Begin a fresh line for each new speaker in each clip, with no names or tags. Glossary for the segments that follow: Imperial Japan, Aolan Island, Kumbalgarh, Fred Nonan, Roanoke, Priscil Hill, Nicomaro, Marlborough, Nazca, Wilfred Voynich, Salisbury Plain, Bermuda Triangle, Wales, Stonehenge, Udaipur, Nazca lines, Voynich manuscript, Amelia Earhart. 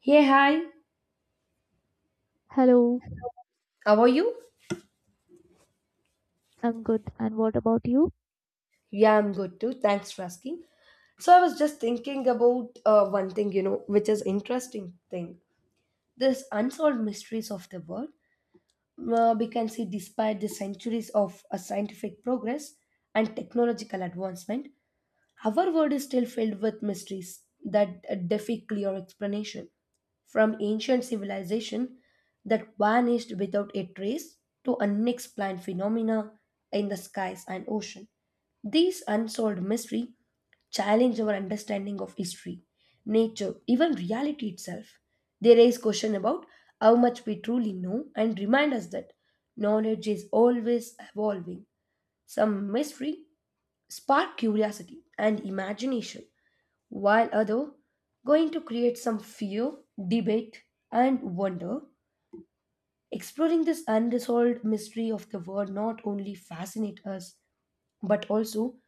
Hey, hi.
Hello,
How are you?
I'm good. And what about you?
Yeah, I'm good too. Thanks for asking. So I was just thinking about one thing, you know, which is interesting thing. This unsolved mysteries of the world. We can see despite the centuries of scientific progress and technological advancement, our world is still filled with mysteries that defy clear explanation. From ancient civilization that vanished without a trace to unexplained phenomena in the skies and ocean. These unsolved mysteries challenge our understanding of history, nature, even reality itself. They raise question about how much we truly know and remind us that knowledge is always evolving. Some mystery spark curiosity and imagination, while other going to create some fear, debate, and wonder. Exploring this unresolved mystery of the world not only fascinate us but also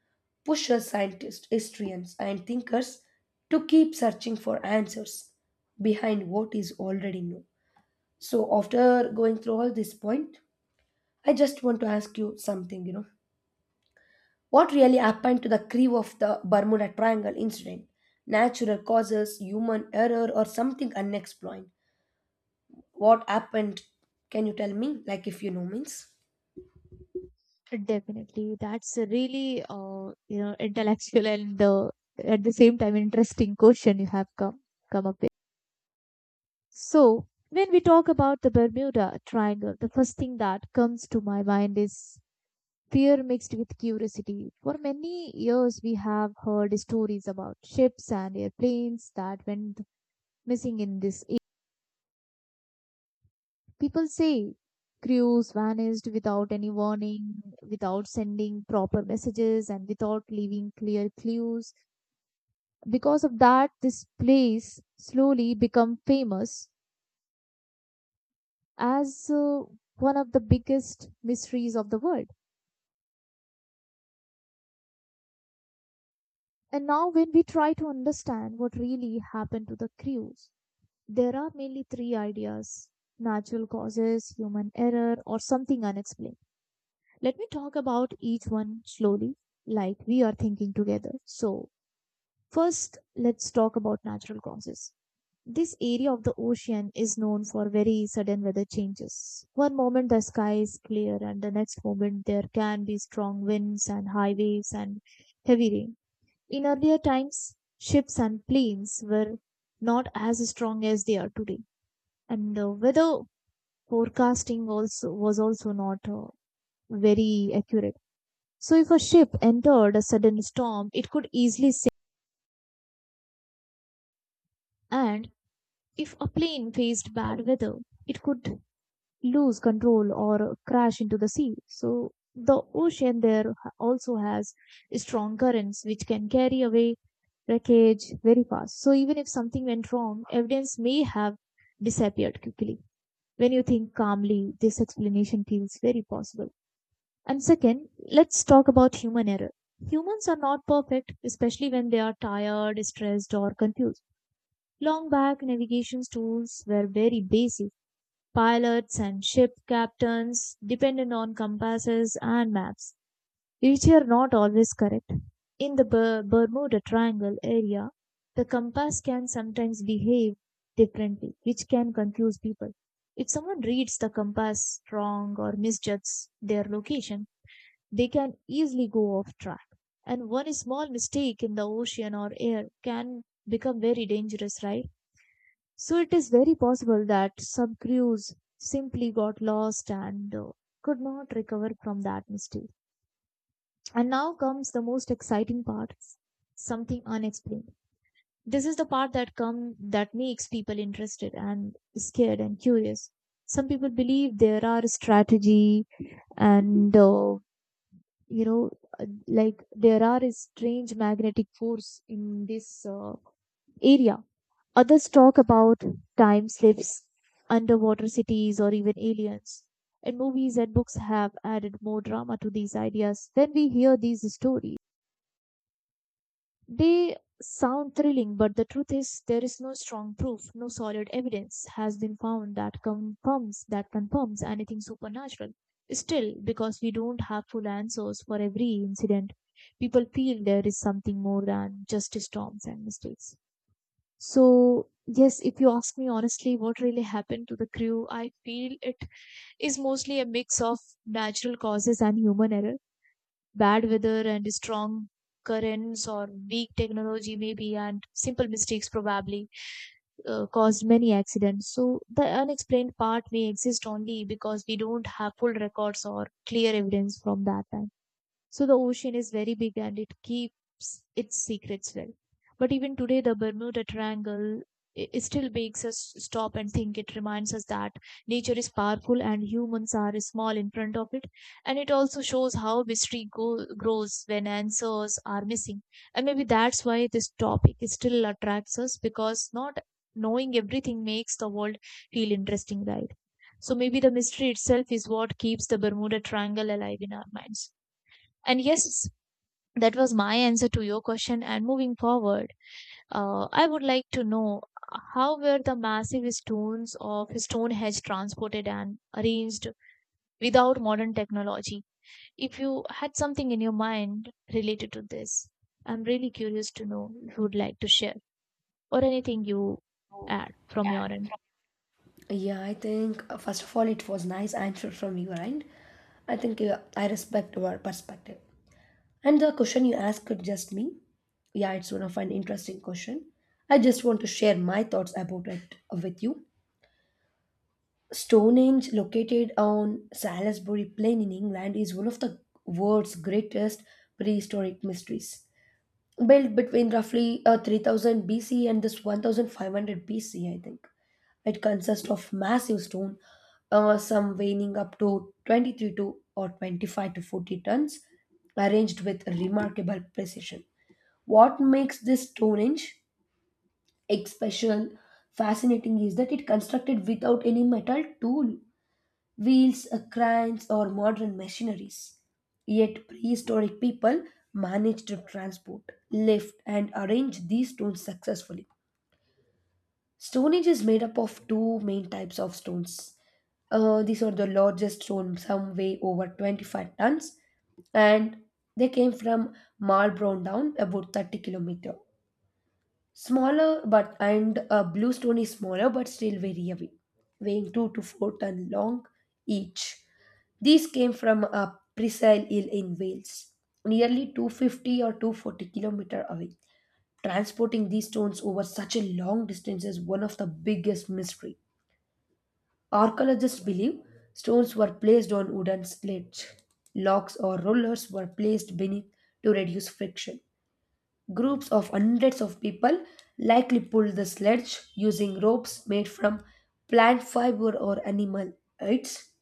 push us scientists, historians, and thinkers to keep searching for answers behind what is already known. So after going through all this point, I just want to ask you something, you know. What really happened to the crew of the Bermuda Triangle incident? Natural causes, human error, or something unexplained? What happened? Can you tell me? Like if you know means?
Definitely, that's a really intellectual and at the same time interesting question you have come up with. So when we talk about the Bermuda Triangle, the first thing that comes to my mind is fear mixed with curiosity. For many years, we have heard stories about ships and airplanes that went missing in this. People say crews vanished without any warning, without sending proper messages, and without leaving clear clues. Because of that, this place slowly become famous as one of the biggest mysteries of the world. And now, when we try to understand what really happened to the crews, there are mainly three ideas: natural causes, human error, or something unexplained. Let me talk about each one slowly, like we are thinking together. So, first, let's talk about natural causes. This area of the ocean is known for very sudden weather changes. One moment the sky is clear, and the next moment there can be strong winds and high waves and heavy rain. In earlier times, ships and planes were not as strong as they are today, and the weather forecasting also was also not very accurate. So if a ship entered a sudden storm, it could easily sink, and if a plane faced bad weather, it could lose control or crash into the sea. So the ocean there also has strong currents which can carry away wreckage very fast. So even if something went wrong, evidence may have disappeared quickly. When you think calmly, this explanation feels very possible. And second, let's talk about human error. Humans are not perfect, especially when they are tired, stressed, or confused. Long back, navigation tools were very basic. Pilots and ship captains depended on compasses and maps, which are not always correct. In the Bermuda Triangle area, the compass can sometimes behave differently, which can confuse people. If someone reads the compass wrong or misjudges their location, they can easily go off track, and one small mistake in the ocean or air can become very dangerous, right? So it is very possible that some crews simply got lost and could not recover from that mistake. And now comes the most exciting part, something unexplained. This is the part that makes people interested and scared and curious. Some people believe there are strategy and you know like there are a strange magnetic force in this area. Others talk about time slips, underwater cities, or even aliens. And movies and books have added more drama to these ideas. When we hear these stories, they sound thrilling, but the truth is there is no strong proof, no solid evidence has been found that confirms anything supernatural. Still, because we don't have full answers for every incident, people feel there is something more than just storms and mistakes. So, yes, if you ask me honestly what really happened to the crew, I feel it is mostly a mix of natural causes and human error, bad weather and strong currents or weak technology maybe and simple mistakes probably caused many accidents. So the unexplained part may exist only because we don't have full records or clear evidence from that time. So the ocean is very big and it keeps its secrets well. But even today, the Bermuda Triangle it still makes us stop and think. It reminds us that nature is powerful and humans are small in front of it. And it also shows how mystery grows when answers are missing. And maybe that's why this topic is still attracts us, because not knowing everything makes the world feel interesting, right? So maybe the mystery itself is what keeps the Bermuda Triangle alive in our minds. And yes, that was my answer to your question. And moving forward, I would like to know how were the massive stones of Stonehenge transported and arranged without modern technology? If you had something in your mind related to this, I'm really curious to know if you would like to share or anything you add from your end.
Yeah, I think first of all it was nice answer from your end. I think I respect your perspective. And the question you asked could just me. Yeah, it's one of an interesting question. I just want to share my thoughts about it with you. Stonehenge, located on Salisbury Plain in England, is one of the world's greatest prehistoric mysteries. Built between roughly 3000 BC and this 1500 BC, I think. It consists of massive stone, some weighing up to 23 to or 25 to 40 tons, arranged with remarkable precision. What makes this Stonehenge special fascinating is that it constructed without any metal tool wheels, cranes, or modern machineries. Yet prehistoric people managed to transport, lift, and arrange these stones successfully. Stone Age is made up of two main types of stones. These are the largest stone, some weigh over 25 tons, and they came from Marlborough down about 30 kilometer. Smaller but and bluestone is smaller but still very heavy, weighing two to four ton long each. These came from a Priscil Hill in Wales, nearly 250 or 240 kilometer away. Transporting these stones over such a long distance is one of the biggest mystery. Archaeologists believe stones were placed on wooden sleds. Logs or rollers were placed beneath to reduce friction. Groups of hundreds of people likely pulled the sledge using ropes made from plant fiber or animal hides.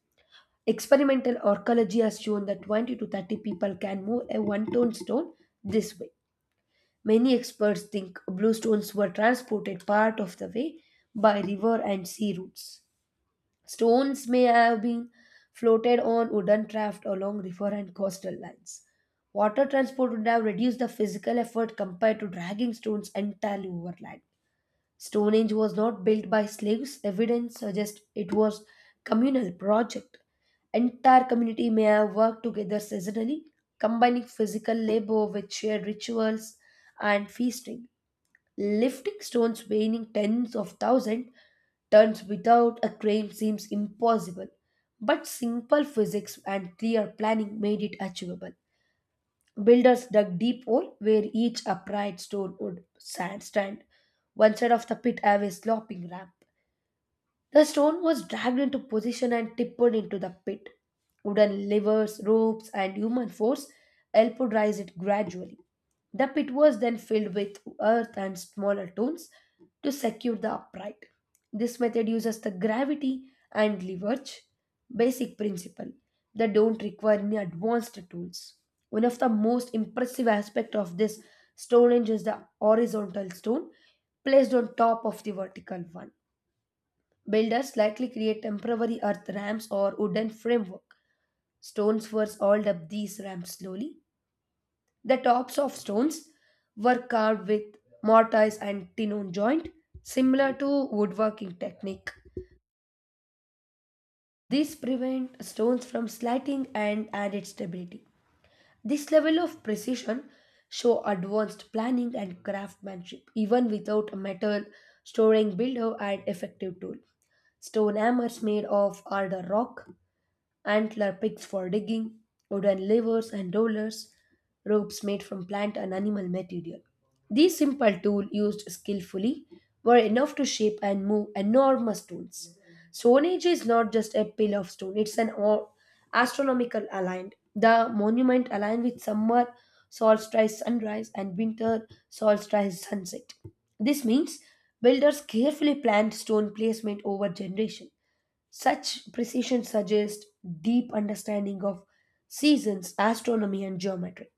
Experimental archaeology has shown that 20 to 30 people can move a one ton stone this way. Many experts think blue stones were transported part of the way by river and sea routes. Stones may have been floated on wooden raft along river and coastal lines. Water transport would have reduced the physical effort compared to dragging stones entirely overland. Stonehenge was not built by slaves. Evidence suggests it was communal project. Entire community may have worked together seasonally, combining physical labor with shared rituals and feasting. Lifting stones weighing tens of thousands tons without a crane seems impossible, but simple physics and clear planning made it achievable. Builders dug deep hole where each upright stone stand. One side of the pit have a sloping ramp, the stone was dragged into position and tipped into the pit. Wooden levers, ropes, and human force helped raise it gradually. The pit was then filled with earth and smaller stones to secure the upright. This method uses the gravity and leverage basic principle that don't require any advanced tools. One of the most impressive aspects of this Stonehenge is the horizontal stone placed on top of the vertical one. Builders likely create temporary earth ramps or wooden framework. Stones were hauled up these ramps slowly. The tops of stones were carved with mortise and tinon joint, similar to woodworking technique. This prevent stones from sliding and added stability. This level of precision show advanced planning and craftsmanship, even without a metal storing builder and effective tool. Stone hammers made of harder rock, antler picks for digging, wooden levers and rollers, ropes made from plant and animal material. These simple tools used skillfully were enough to shape and move enormous stones. Stone Age is not just a pile of stone, it's astronomical aligned. The monument aligned with summer solstice sunrise and winter solstice sunset. This means builders carefully planned stone placement over generation. Such precision suggests deep understanding of seasons, astronomy, and geometry.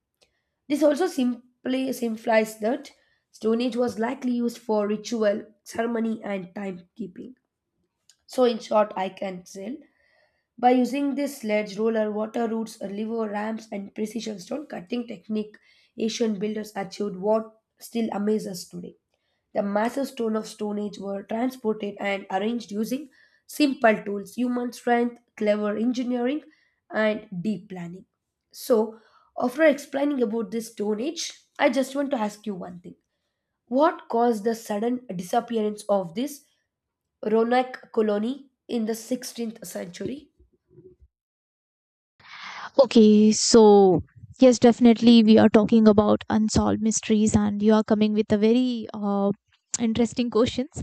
This also simply simplifies that Stone Age was likely used for ritual, ceremony, and timekeeping. So, in short, I can say by using this sledge, roller, water routes, a lever, ramps, and precision stone cutting technique, Asian builders achieved what still amazes us today. The massive stone of Stone Age were transported and arranged using simple tools, human strength, clever engineering, and deep planning. So, after explaining about this Stone Age, I just want to ask you one thing. What caused the sudden disappearance of this Ronak colony in the 16th century?
Okay, so yes, definitely we are talking about unsolved mysteries, and you are coming with a very interesting questions.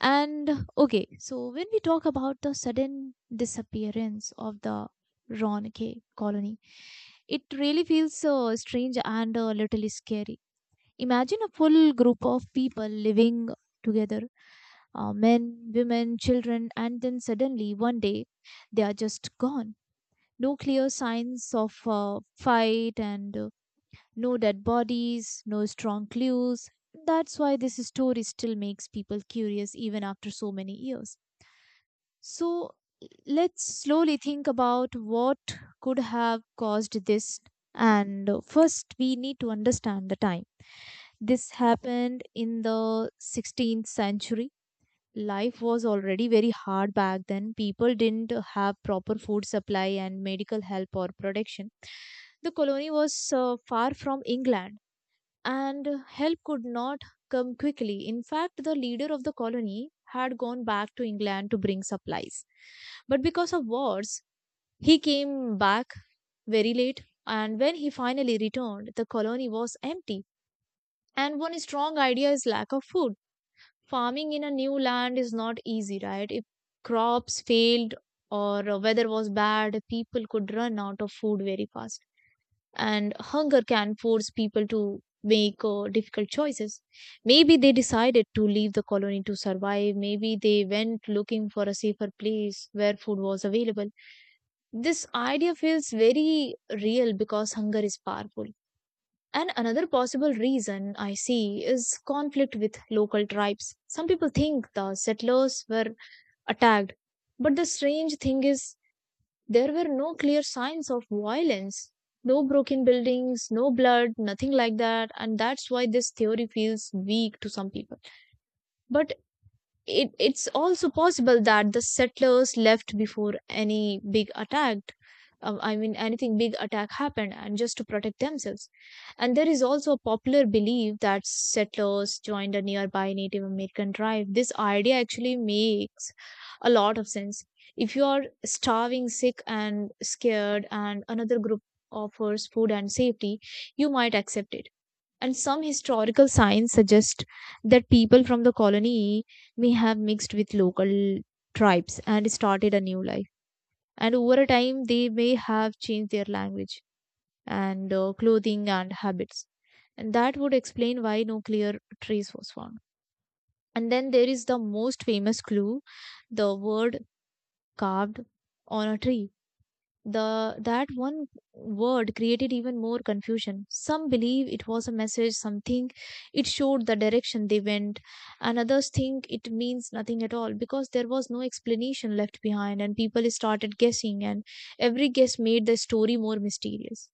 And okay, so when we talk about the sudden disappearance of the Ronke colony, it really feels strange and a little scary. Imagine a full group of people living together, men, women, children, and then suddenly one day they are just gone. No clear signs of fight and no dead bodies, no strong clues. That's why this story still makes people curious even after so many years. So let's slowly think about what could have caused this. And first, we need to understand the time. This happened in the 16th century. Life was already very hard back then. People didn't have proper food supply and medical help or protection. The colony was far from England and help could not come quickly. In fact, the leader of the colony had gone back to England to bring supplies. But because of wars, he came back very late, and when he finally returned, the colony was empty. And one strong idea is lack of food. Farming in a new land is not easy, right? If crops failed or weather was bad, people could run out of food very fast, and hunger can force people to make difficult choices. Maybe they decided to leave the colony to survive. Maybe they went looking for a safer place where food was available. This idea feels very real because hunger is powerful. And another possible reason I see is conflict with local tribes. Some people think the settlers were attacked, but the strange thing is there were no clear signs of violence, no broken buildings, no blood, nothing like that. And that's why this theory feels weak to some people. But it's also possible that the settlers left before any big attack. I mean, anything big attack happened, and just to protect themselves. And there is also a popular belief that settlers joined a nearby Native American tribe. This idea actually makes a lot of sense. If you are starving, sick, and scared, and another group offers food and safety, you might accept it. And some historical signs suggest that people from the colony may have mixed with local tribes and started a new life. And over a time, they may have changed their language and clothing and habits. And that would explain why no clear trace was found. And then there is the most famous clue, the word carved on a tree. The that one word created even more confusion. Some believe it was a message, some think it showed the direction they went, and others think it means nothing at all, because there was no explanation left behind, and people started guessing, and every guess made the story more mysterious.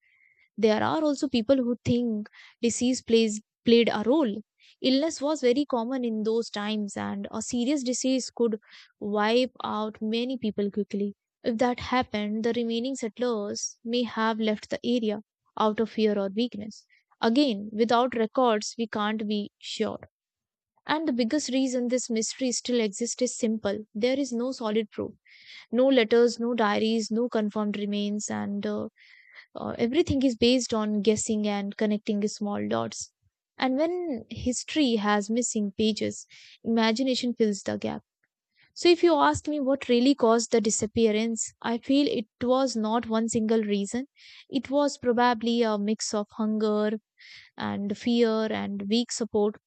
There are also people who think disease plays played a role. Illness was very common in those times, and a serious disease could wipe out many people quickly. If that happened, the remaining settlers may have left the area out of fear or weakness. Again, without records, we can't be sure. And the biggest reason this mystery still exists is simple: there is no solid proof, no letters, no diaries, no confirmed remains, and everything is based on guessing and connecting small dots. And when history has missing pages, imagination fills the gap. So, if you ask me what really caused the disappearance, I feel it was not one single reason. It was probably a mix of hunger and fear and weak support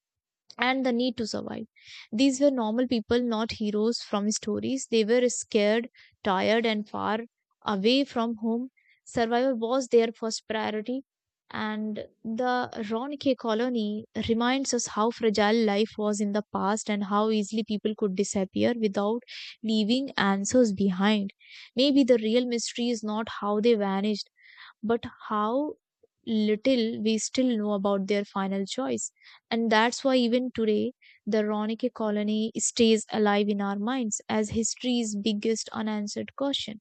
and the need to survive. These were normal people, not heroes from stories. They were scared, tired, and far away from home. Survival was their first priority. And the Ronke colony reminds us how fragile life was in the past and how easily people could disappear without leaving answers behind. Maybe the real mystery is not how they vanished, but how little we still know about their final choice. And that's why even today, the Ronicky colony stays alive in our minds as history's biggest unanswered question.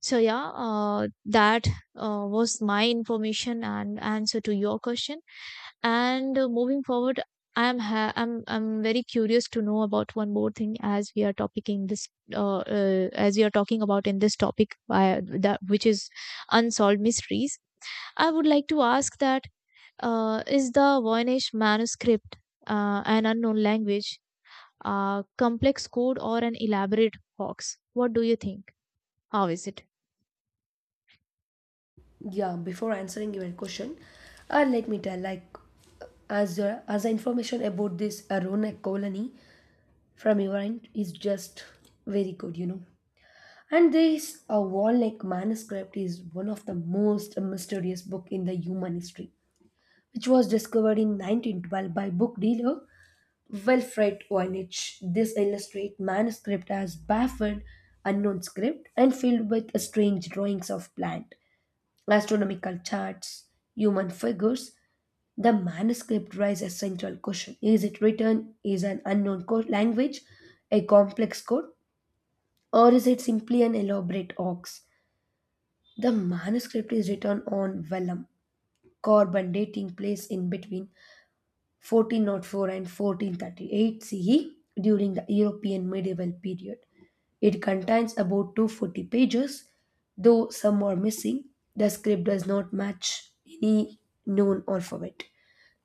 So yeah, that was my information and answer to your question. And moving forward, I am ha- I'm very curious to know about one more thing. As we are talking about in this topic that which is unsolved mysteries. I would like to ask that is the Voynich manuscript an unknown language, a complex code, or an elaborate hoax? What do you think? How is it?
Yeah, before answering your question, let me tell like as information about this Ronak colony from Iran is just very good, you know. And this a Wall-like manuscript is one of the most mysterious book in the human history, which was discovered in 1912 by book dealer Wilfred Voynich. This illustrate manuscript as baffled, unknown script, and filled with strange drawings of plant, astronomical charts, human figures, the manuscript raises a central question. Is it written? Is an unknown code language a complex code? Or is it simply an elaborate hoax? The manuscript is written on vellum, carbon dating place in between, 1404 and 1438 CE during the European medieval period. It contains about 240 pages, though some are missing. The script does not match any known alphabet.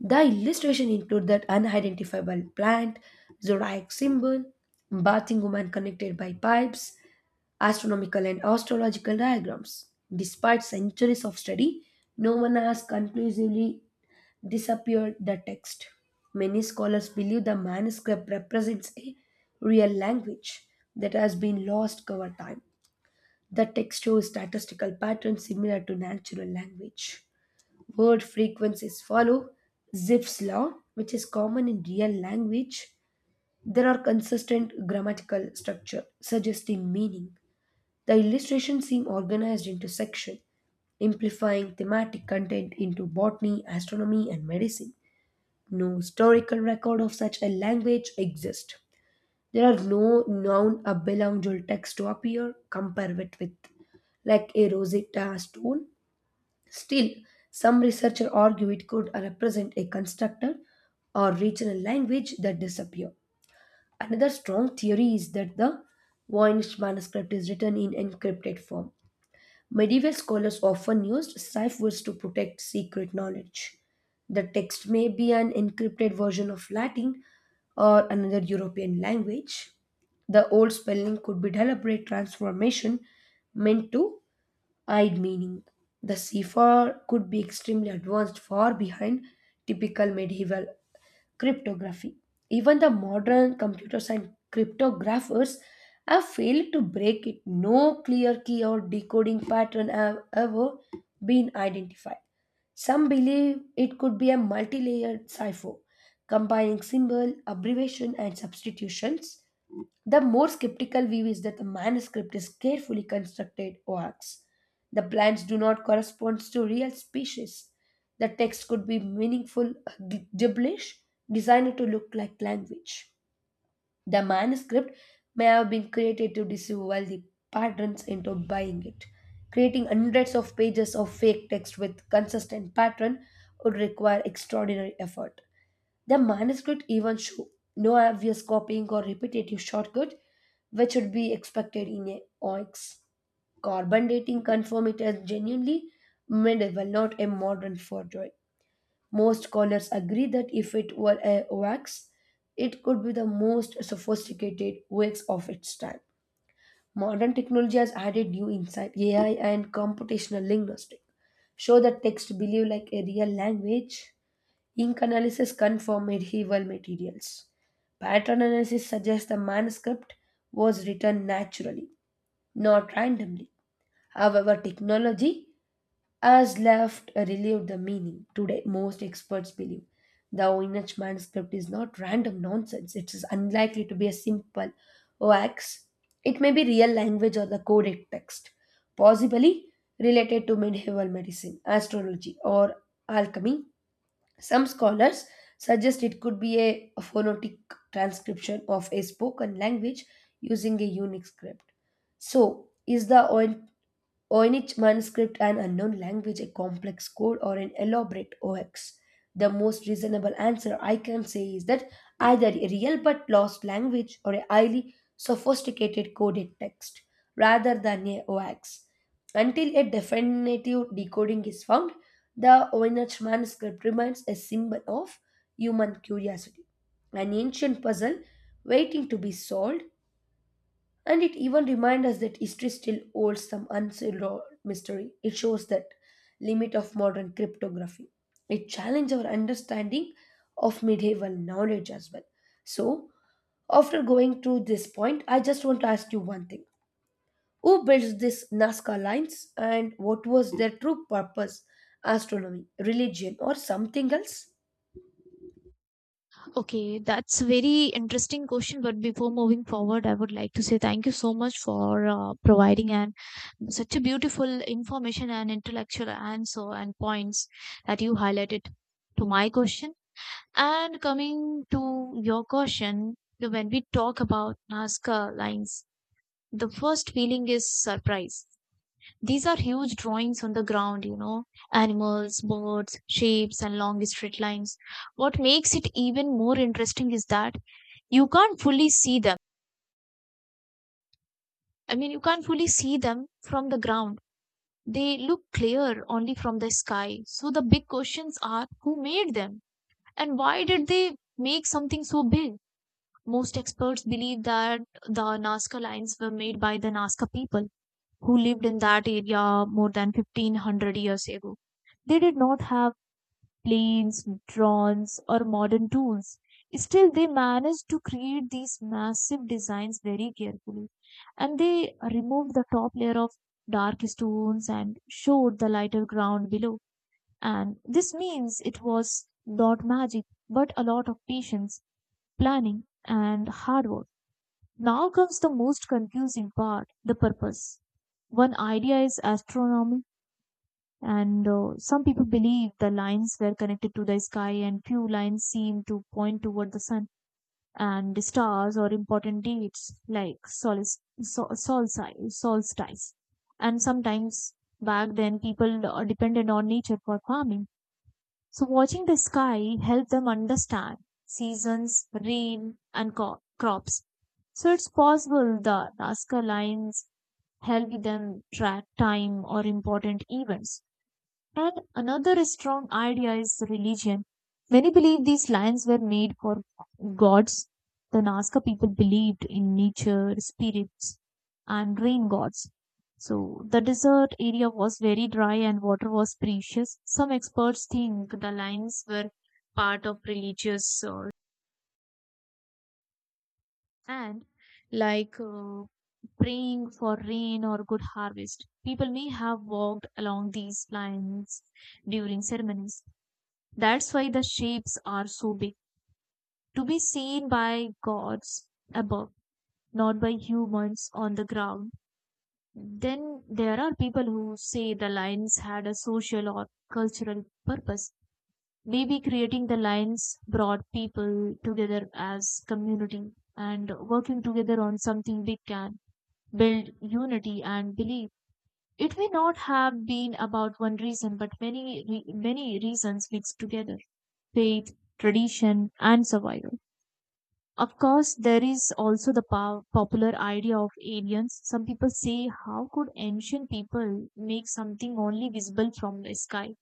The illustration include that unidentifiable plant, zodiac symbol, bathing woman connected by pipes, astronomical and astrological diagrams. Despite centuries of study, no one has conclusively disappeared the text. Many scholars believe the manuscript represents a real language that has been lost over time. The text shows statistical patterns similar to natural language. Word frequencies follow Zipf's law, which is common in real language. There are consistent grammatical structure suggesting meaning. The illustrations seem organized into sections, amplifying thematic content into botany, astronomy, and medicine. No historical record of such a language exists. There are no known Abelangel texts to appear, compare it with, like a Rosetta Stone. Still, some researchers argue it could represent a constructed or regional language that disappeared. Another strong theory is that the Voynich manuscript is written in encrypted form. Medieval scholars often used ciphers to protect secret knowledge. The text may be an encrypted version of Latin or another European language. The old spelling could be deliberate transformation meant to hide meaning. The cipher could be extremely advanced, far behind typical medieval cryptography. Even the modern computers and cryptographers have failed to break it. No clear key or decoding pattern have ever been identified. Some believe it could be a multi layered cipher combining symbol, abbreviation, and substitutions. The more skeptical view is that the manuscript is carefully constructed works. The plans do not correspond to real species. The text could be meaningful gibberish designed to look like language. The manuscript may have been created to deceive the patterns into buying it. Creating hundreds of pages of fake text with consistent pattern would require extraordinary effort. The manuscript even show no obvious copying or repetitive shortcut, which would be expected in a OX. Carbon dating confirmed it as genuinely medieval, not a modern forgery. Most scholars agree that if it were a wax, it could be the most sophisticated wax of its time. Modern technology has added new insight. AI and computational linguistics show that text behave like a real language. Ink analysis confirms medieval materials. Pattern analysis suggests the manuscript was written naturally, not randomly. However, technology as left relieved the meaning. Today, most experts believe the Oinach manuscript is not random nonsense. It is unlikely to be a simple wax. It may be real language or the coded text, possibly related to medieval medicine, astrology, or alchemy. Some scholars suggest it could be a phonetic transcription of a spoken language using a unique script. So, is the or in each manuscript, an unknown language, a complex code, or an elaborate OX. The most reasonable answer I can say is that either a real but lost language or a highly sophisticated coded text, rather than a OX. Until a definitive decoding is found, the Oinach manuscript remains a symbol of human curiosity, an ancient puzzle waiting to be solved, and it even reminds us that history still holds some unsolved mystery. It shows that limit of modern cryptography. It challenges our understanding of medieval knowledge as well. So, after going through this point, I just want to ask you one thing. Who built these Nazca lines and what was their true purpose? Astronomy, religion, or something else?
Okay, that's a very interesting question. But before moving forward, I would like to say thank you so much for providing an such a beautiful information and intellectual answer and points that you highlighted to my question. And coming to your question, when we talk about Nazca lines, the first feeling is surprise. These are huge drawings on the ground, you know, animals, birds, shapes, and long straight lines. What makes it even more interesting is that you can't fully see them. I mean, you can't fully see them from the ground. They look clear only from the sky. So the big questions are who made them and why did they make something so big? Most experts believe that the Nazca lines were made by the Nazca people who lived in that area more than 1500 years ago. They did not have planes, drones, or modern tools. Still, they managed to create these massive designs very carefully. And they removed the top layer of dark stones and showed the lighter ground below. And this means it was not magic, but a lot of patience, planning, and hard work. Now comes the most confusing part the purpose. One idea is astronomy, and some people believe the lines were connected to the sky, and few lines seem to point toward the sun and the stars or important dates like solstice. And sometimes back then, people depended on nature for farming so watching the sky helped them understand seasons, rain, and crops. So it's possible the Nazca lines helped them track time or important events. And another strong idea is religion. Many believe these lands were made for gods. The Nazca people believed in nature, spirits, and rain gods. So the desert area was very dry and water was precious. Some experts think the lines were part of religious and like praying for rain or good harvest. People may have walked along these lines during ceremonies. That's why the shapes are so big, to be seen by gods above, not by humans on the ground. Then there are people who say the lions had a social or cultural purpose. Maybe creating the lions brought people together as community and working together on something big can build unity and belief. It may not have been about one reason, but many, many reasons mixed together faith, tradition, and survival. Of course, there is also the popular idea of aliens. Some people say, how could ancient people make something only visible from the sky?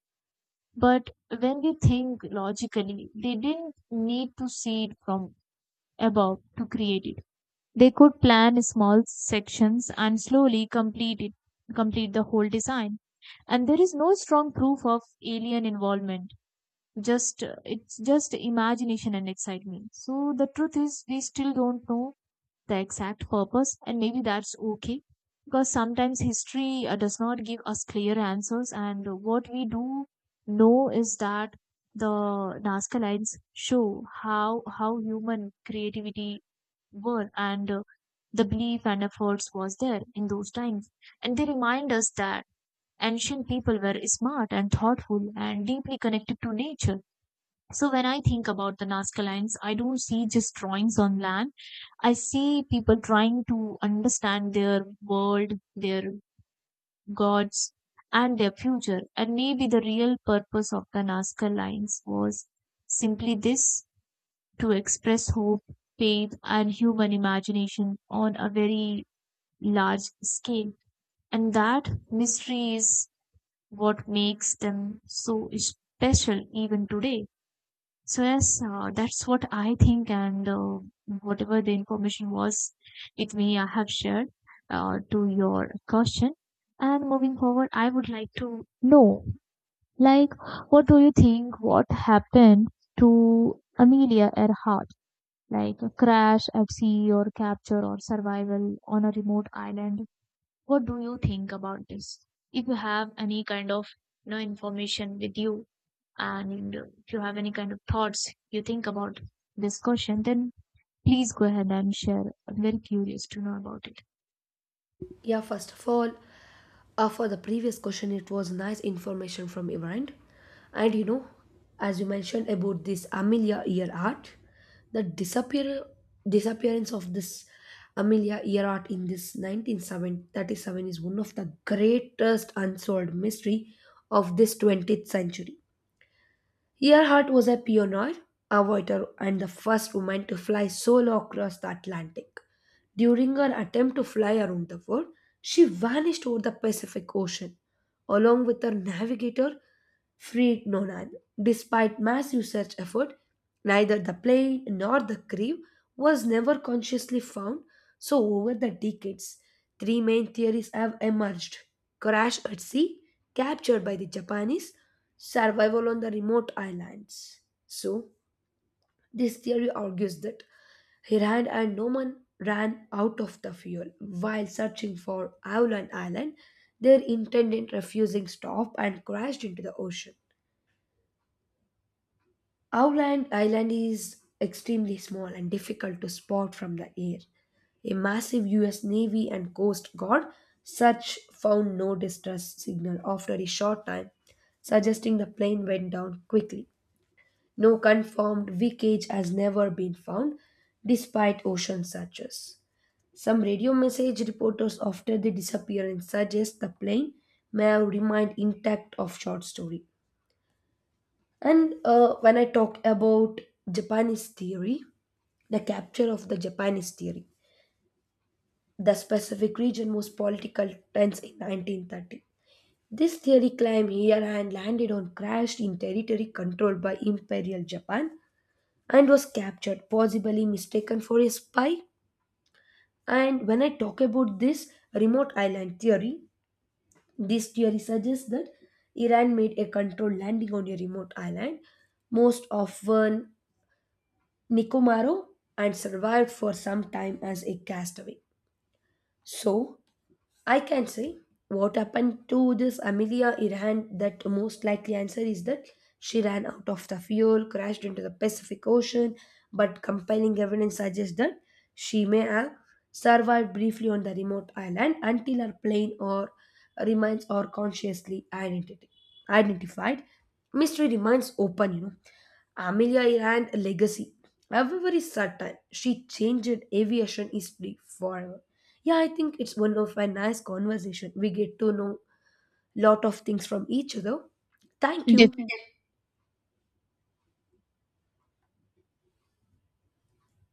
But when we think logically, they didn't need to see it from above to create it. They could plan small sections and slowly complete the whole design. And there is no strong proof of alien involvement. Just It's just imagination and excitement. So the truth is, we still don't know the exact purpose, and maybe that's okay because sometimes history does not give us clear answers, and what we do know is that the Nazca lines show how human creativity were and the belief and efforts was there in those times, and they remind us that ancient people were smart and thoughtful and deeply connected to nature. So when I think about the Nazca lines, I don't see just drawings on land. I see people trying to understand their world, their gods, and their future. And maybe the real purpose of the Nazca lines was simply this to express hope, faith, and human imagination on a very large scale. And that mystery is what makes them so special even today. So yes, that's what I think, and whatever the information was with me, I have shared to your question. And moving forward, I would like to know, like, what do you think? What happened to Amelia Earhart? Like a crash at sea, or capture, or survival on a remote island? What do you think about this? If you have any kind of you know information with you, and if you have any kind of thoughts you think about this question, then please go ahead and share. I'm very curious to know about it.
Yeah, first of all, for the previous question, it was nice information from your end. And you know, as you mentioned about this Amelia ear art, the disappearance of this Amelia ear art in this 1937 is one of the greatest unsolved mystery of this 20th century. Earhart was a pioneer, avoider, and the first woman to fly solo across the Atlantic. During her attempt to fly around the world, she vanished over the Pacific Ocean, along with her navigator, Fred Nonan. Despite massive search effort, neither the plane nor the crew was never consciously found, so over the decades, three main theories have emerged. Crash at sea, captured by the Japanese, survival on the remote islands. So, this theory argues that Hiran and Noman ran out of the fuel while searching for Aolan Island. Their intended refusing stop and crashed into the ocean. Aolan Island is extremely small and difficult to spot from the air. A massive US Navy and Coast Guard search found no distress signal after a short time, suggesting the plane went down quickly. No confirmed wreckage has never been found, despite ocean searches. Some radio message reporters after the disappearance suggest the plane may have remained intact of short story. And when I talk about Japanese theory, the capture of the Japanese theory, the specific region was political tense in 1930. This theory claimed here and landed on crashed in territory controlled by Imperial Japan and was captured, possibly mistaken for a spy. And when I talk about this remote island theory, this theory suggests that Iran made a controlled landing on a remote island, most often Nicomaro, and survived for some time as a castaway. So, I can say what happened to this Amelia Earhart that most likely answer is that she ran out of the fuel, crashed into the Pacific Ocean, but compelling evidence suggests that she may have survived briefly on the remote island until her plane or remains are consciously identity, identified. Mystery remains open, you know. Amelia Earhart legacy. However is certain, she changed aviation history forever. Yeah, I think it's one of my nice conversation. We get to know lot of things from each other. Thank you.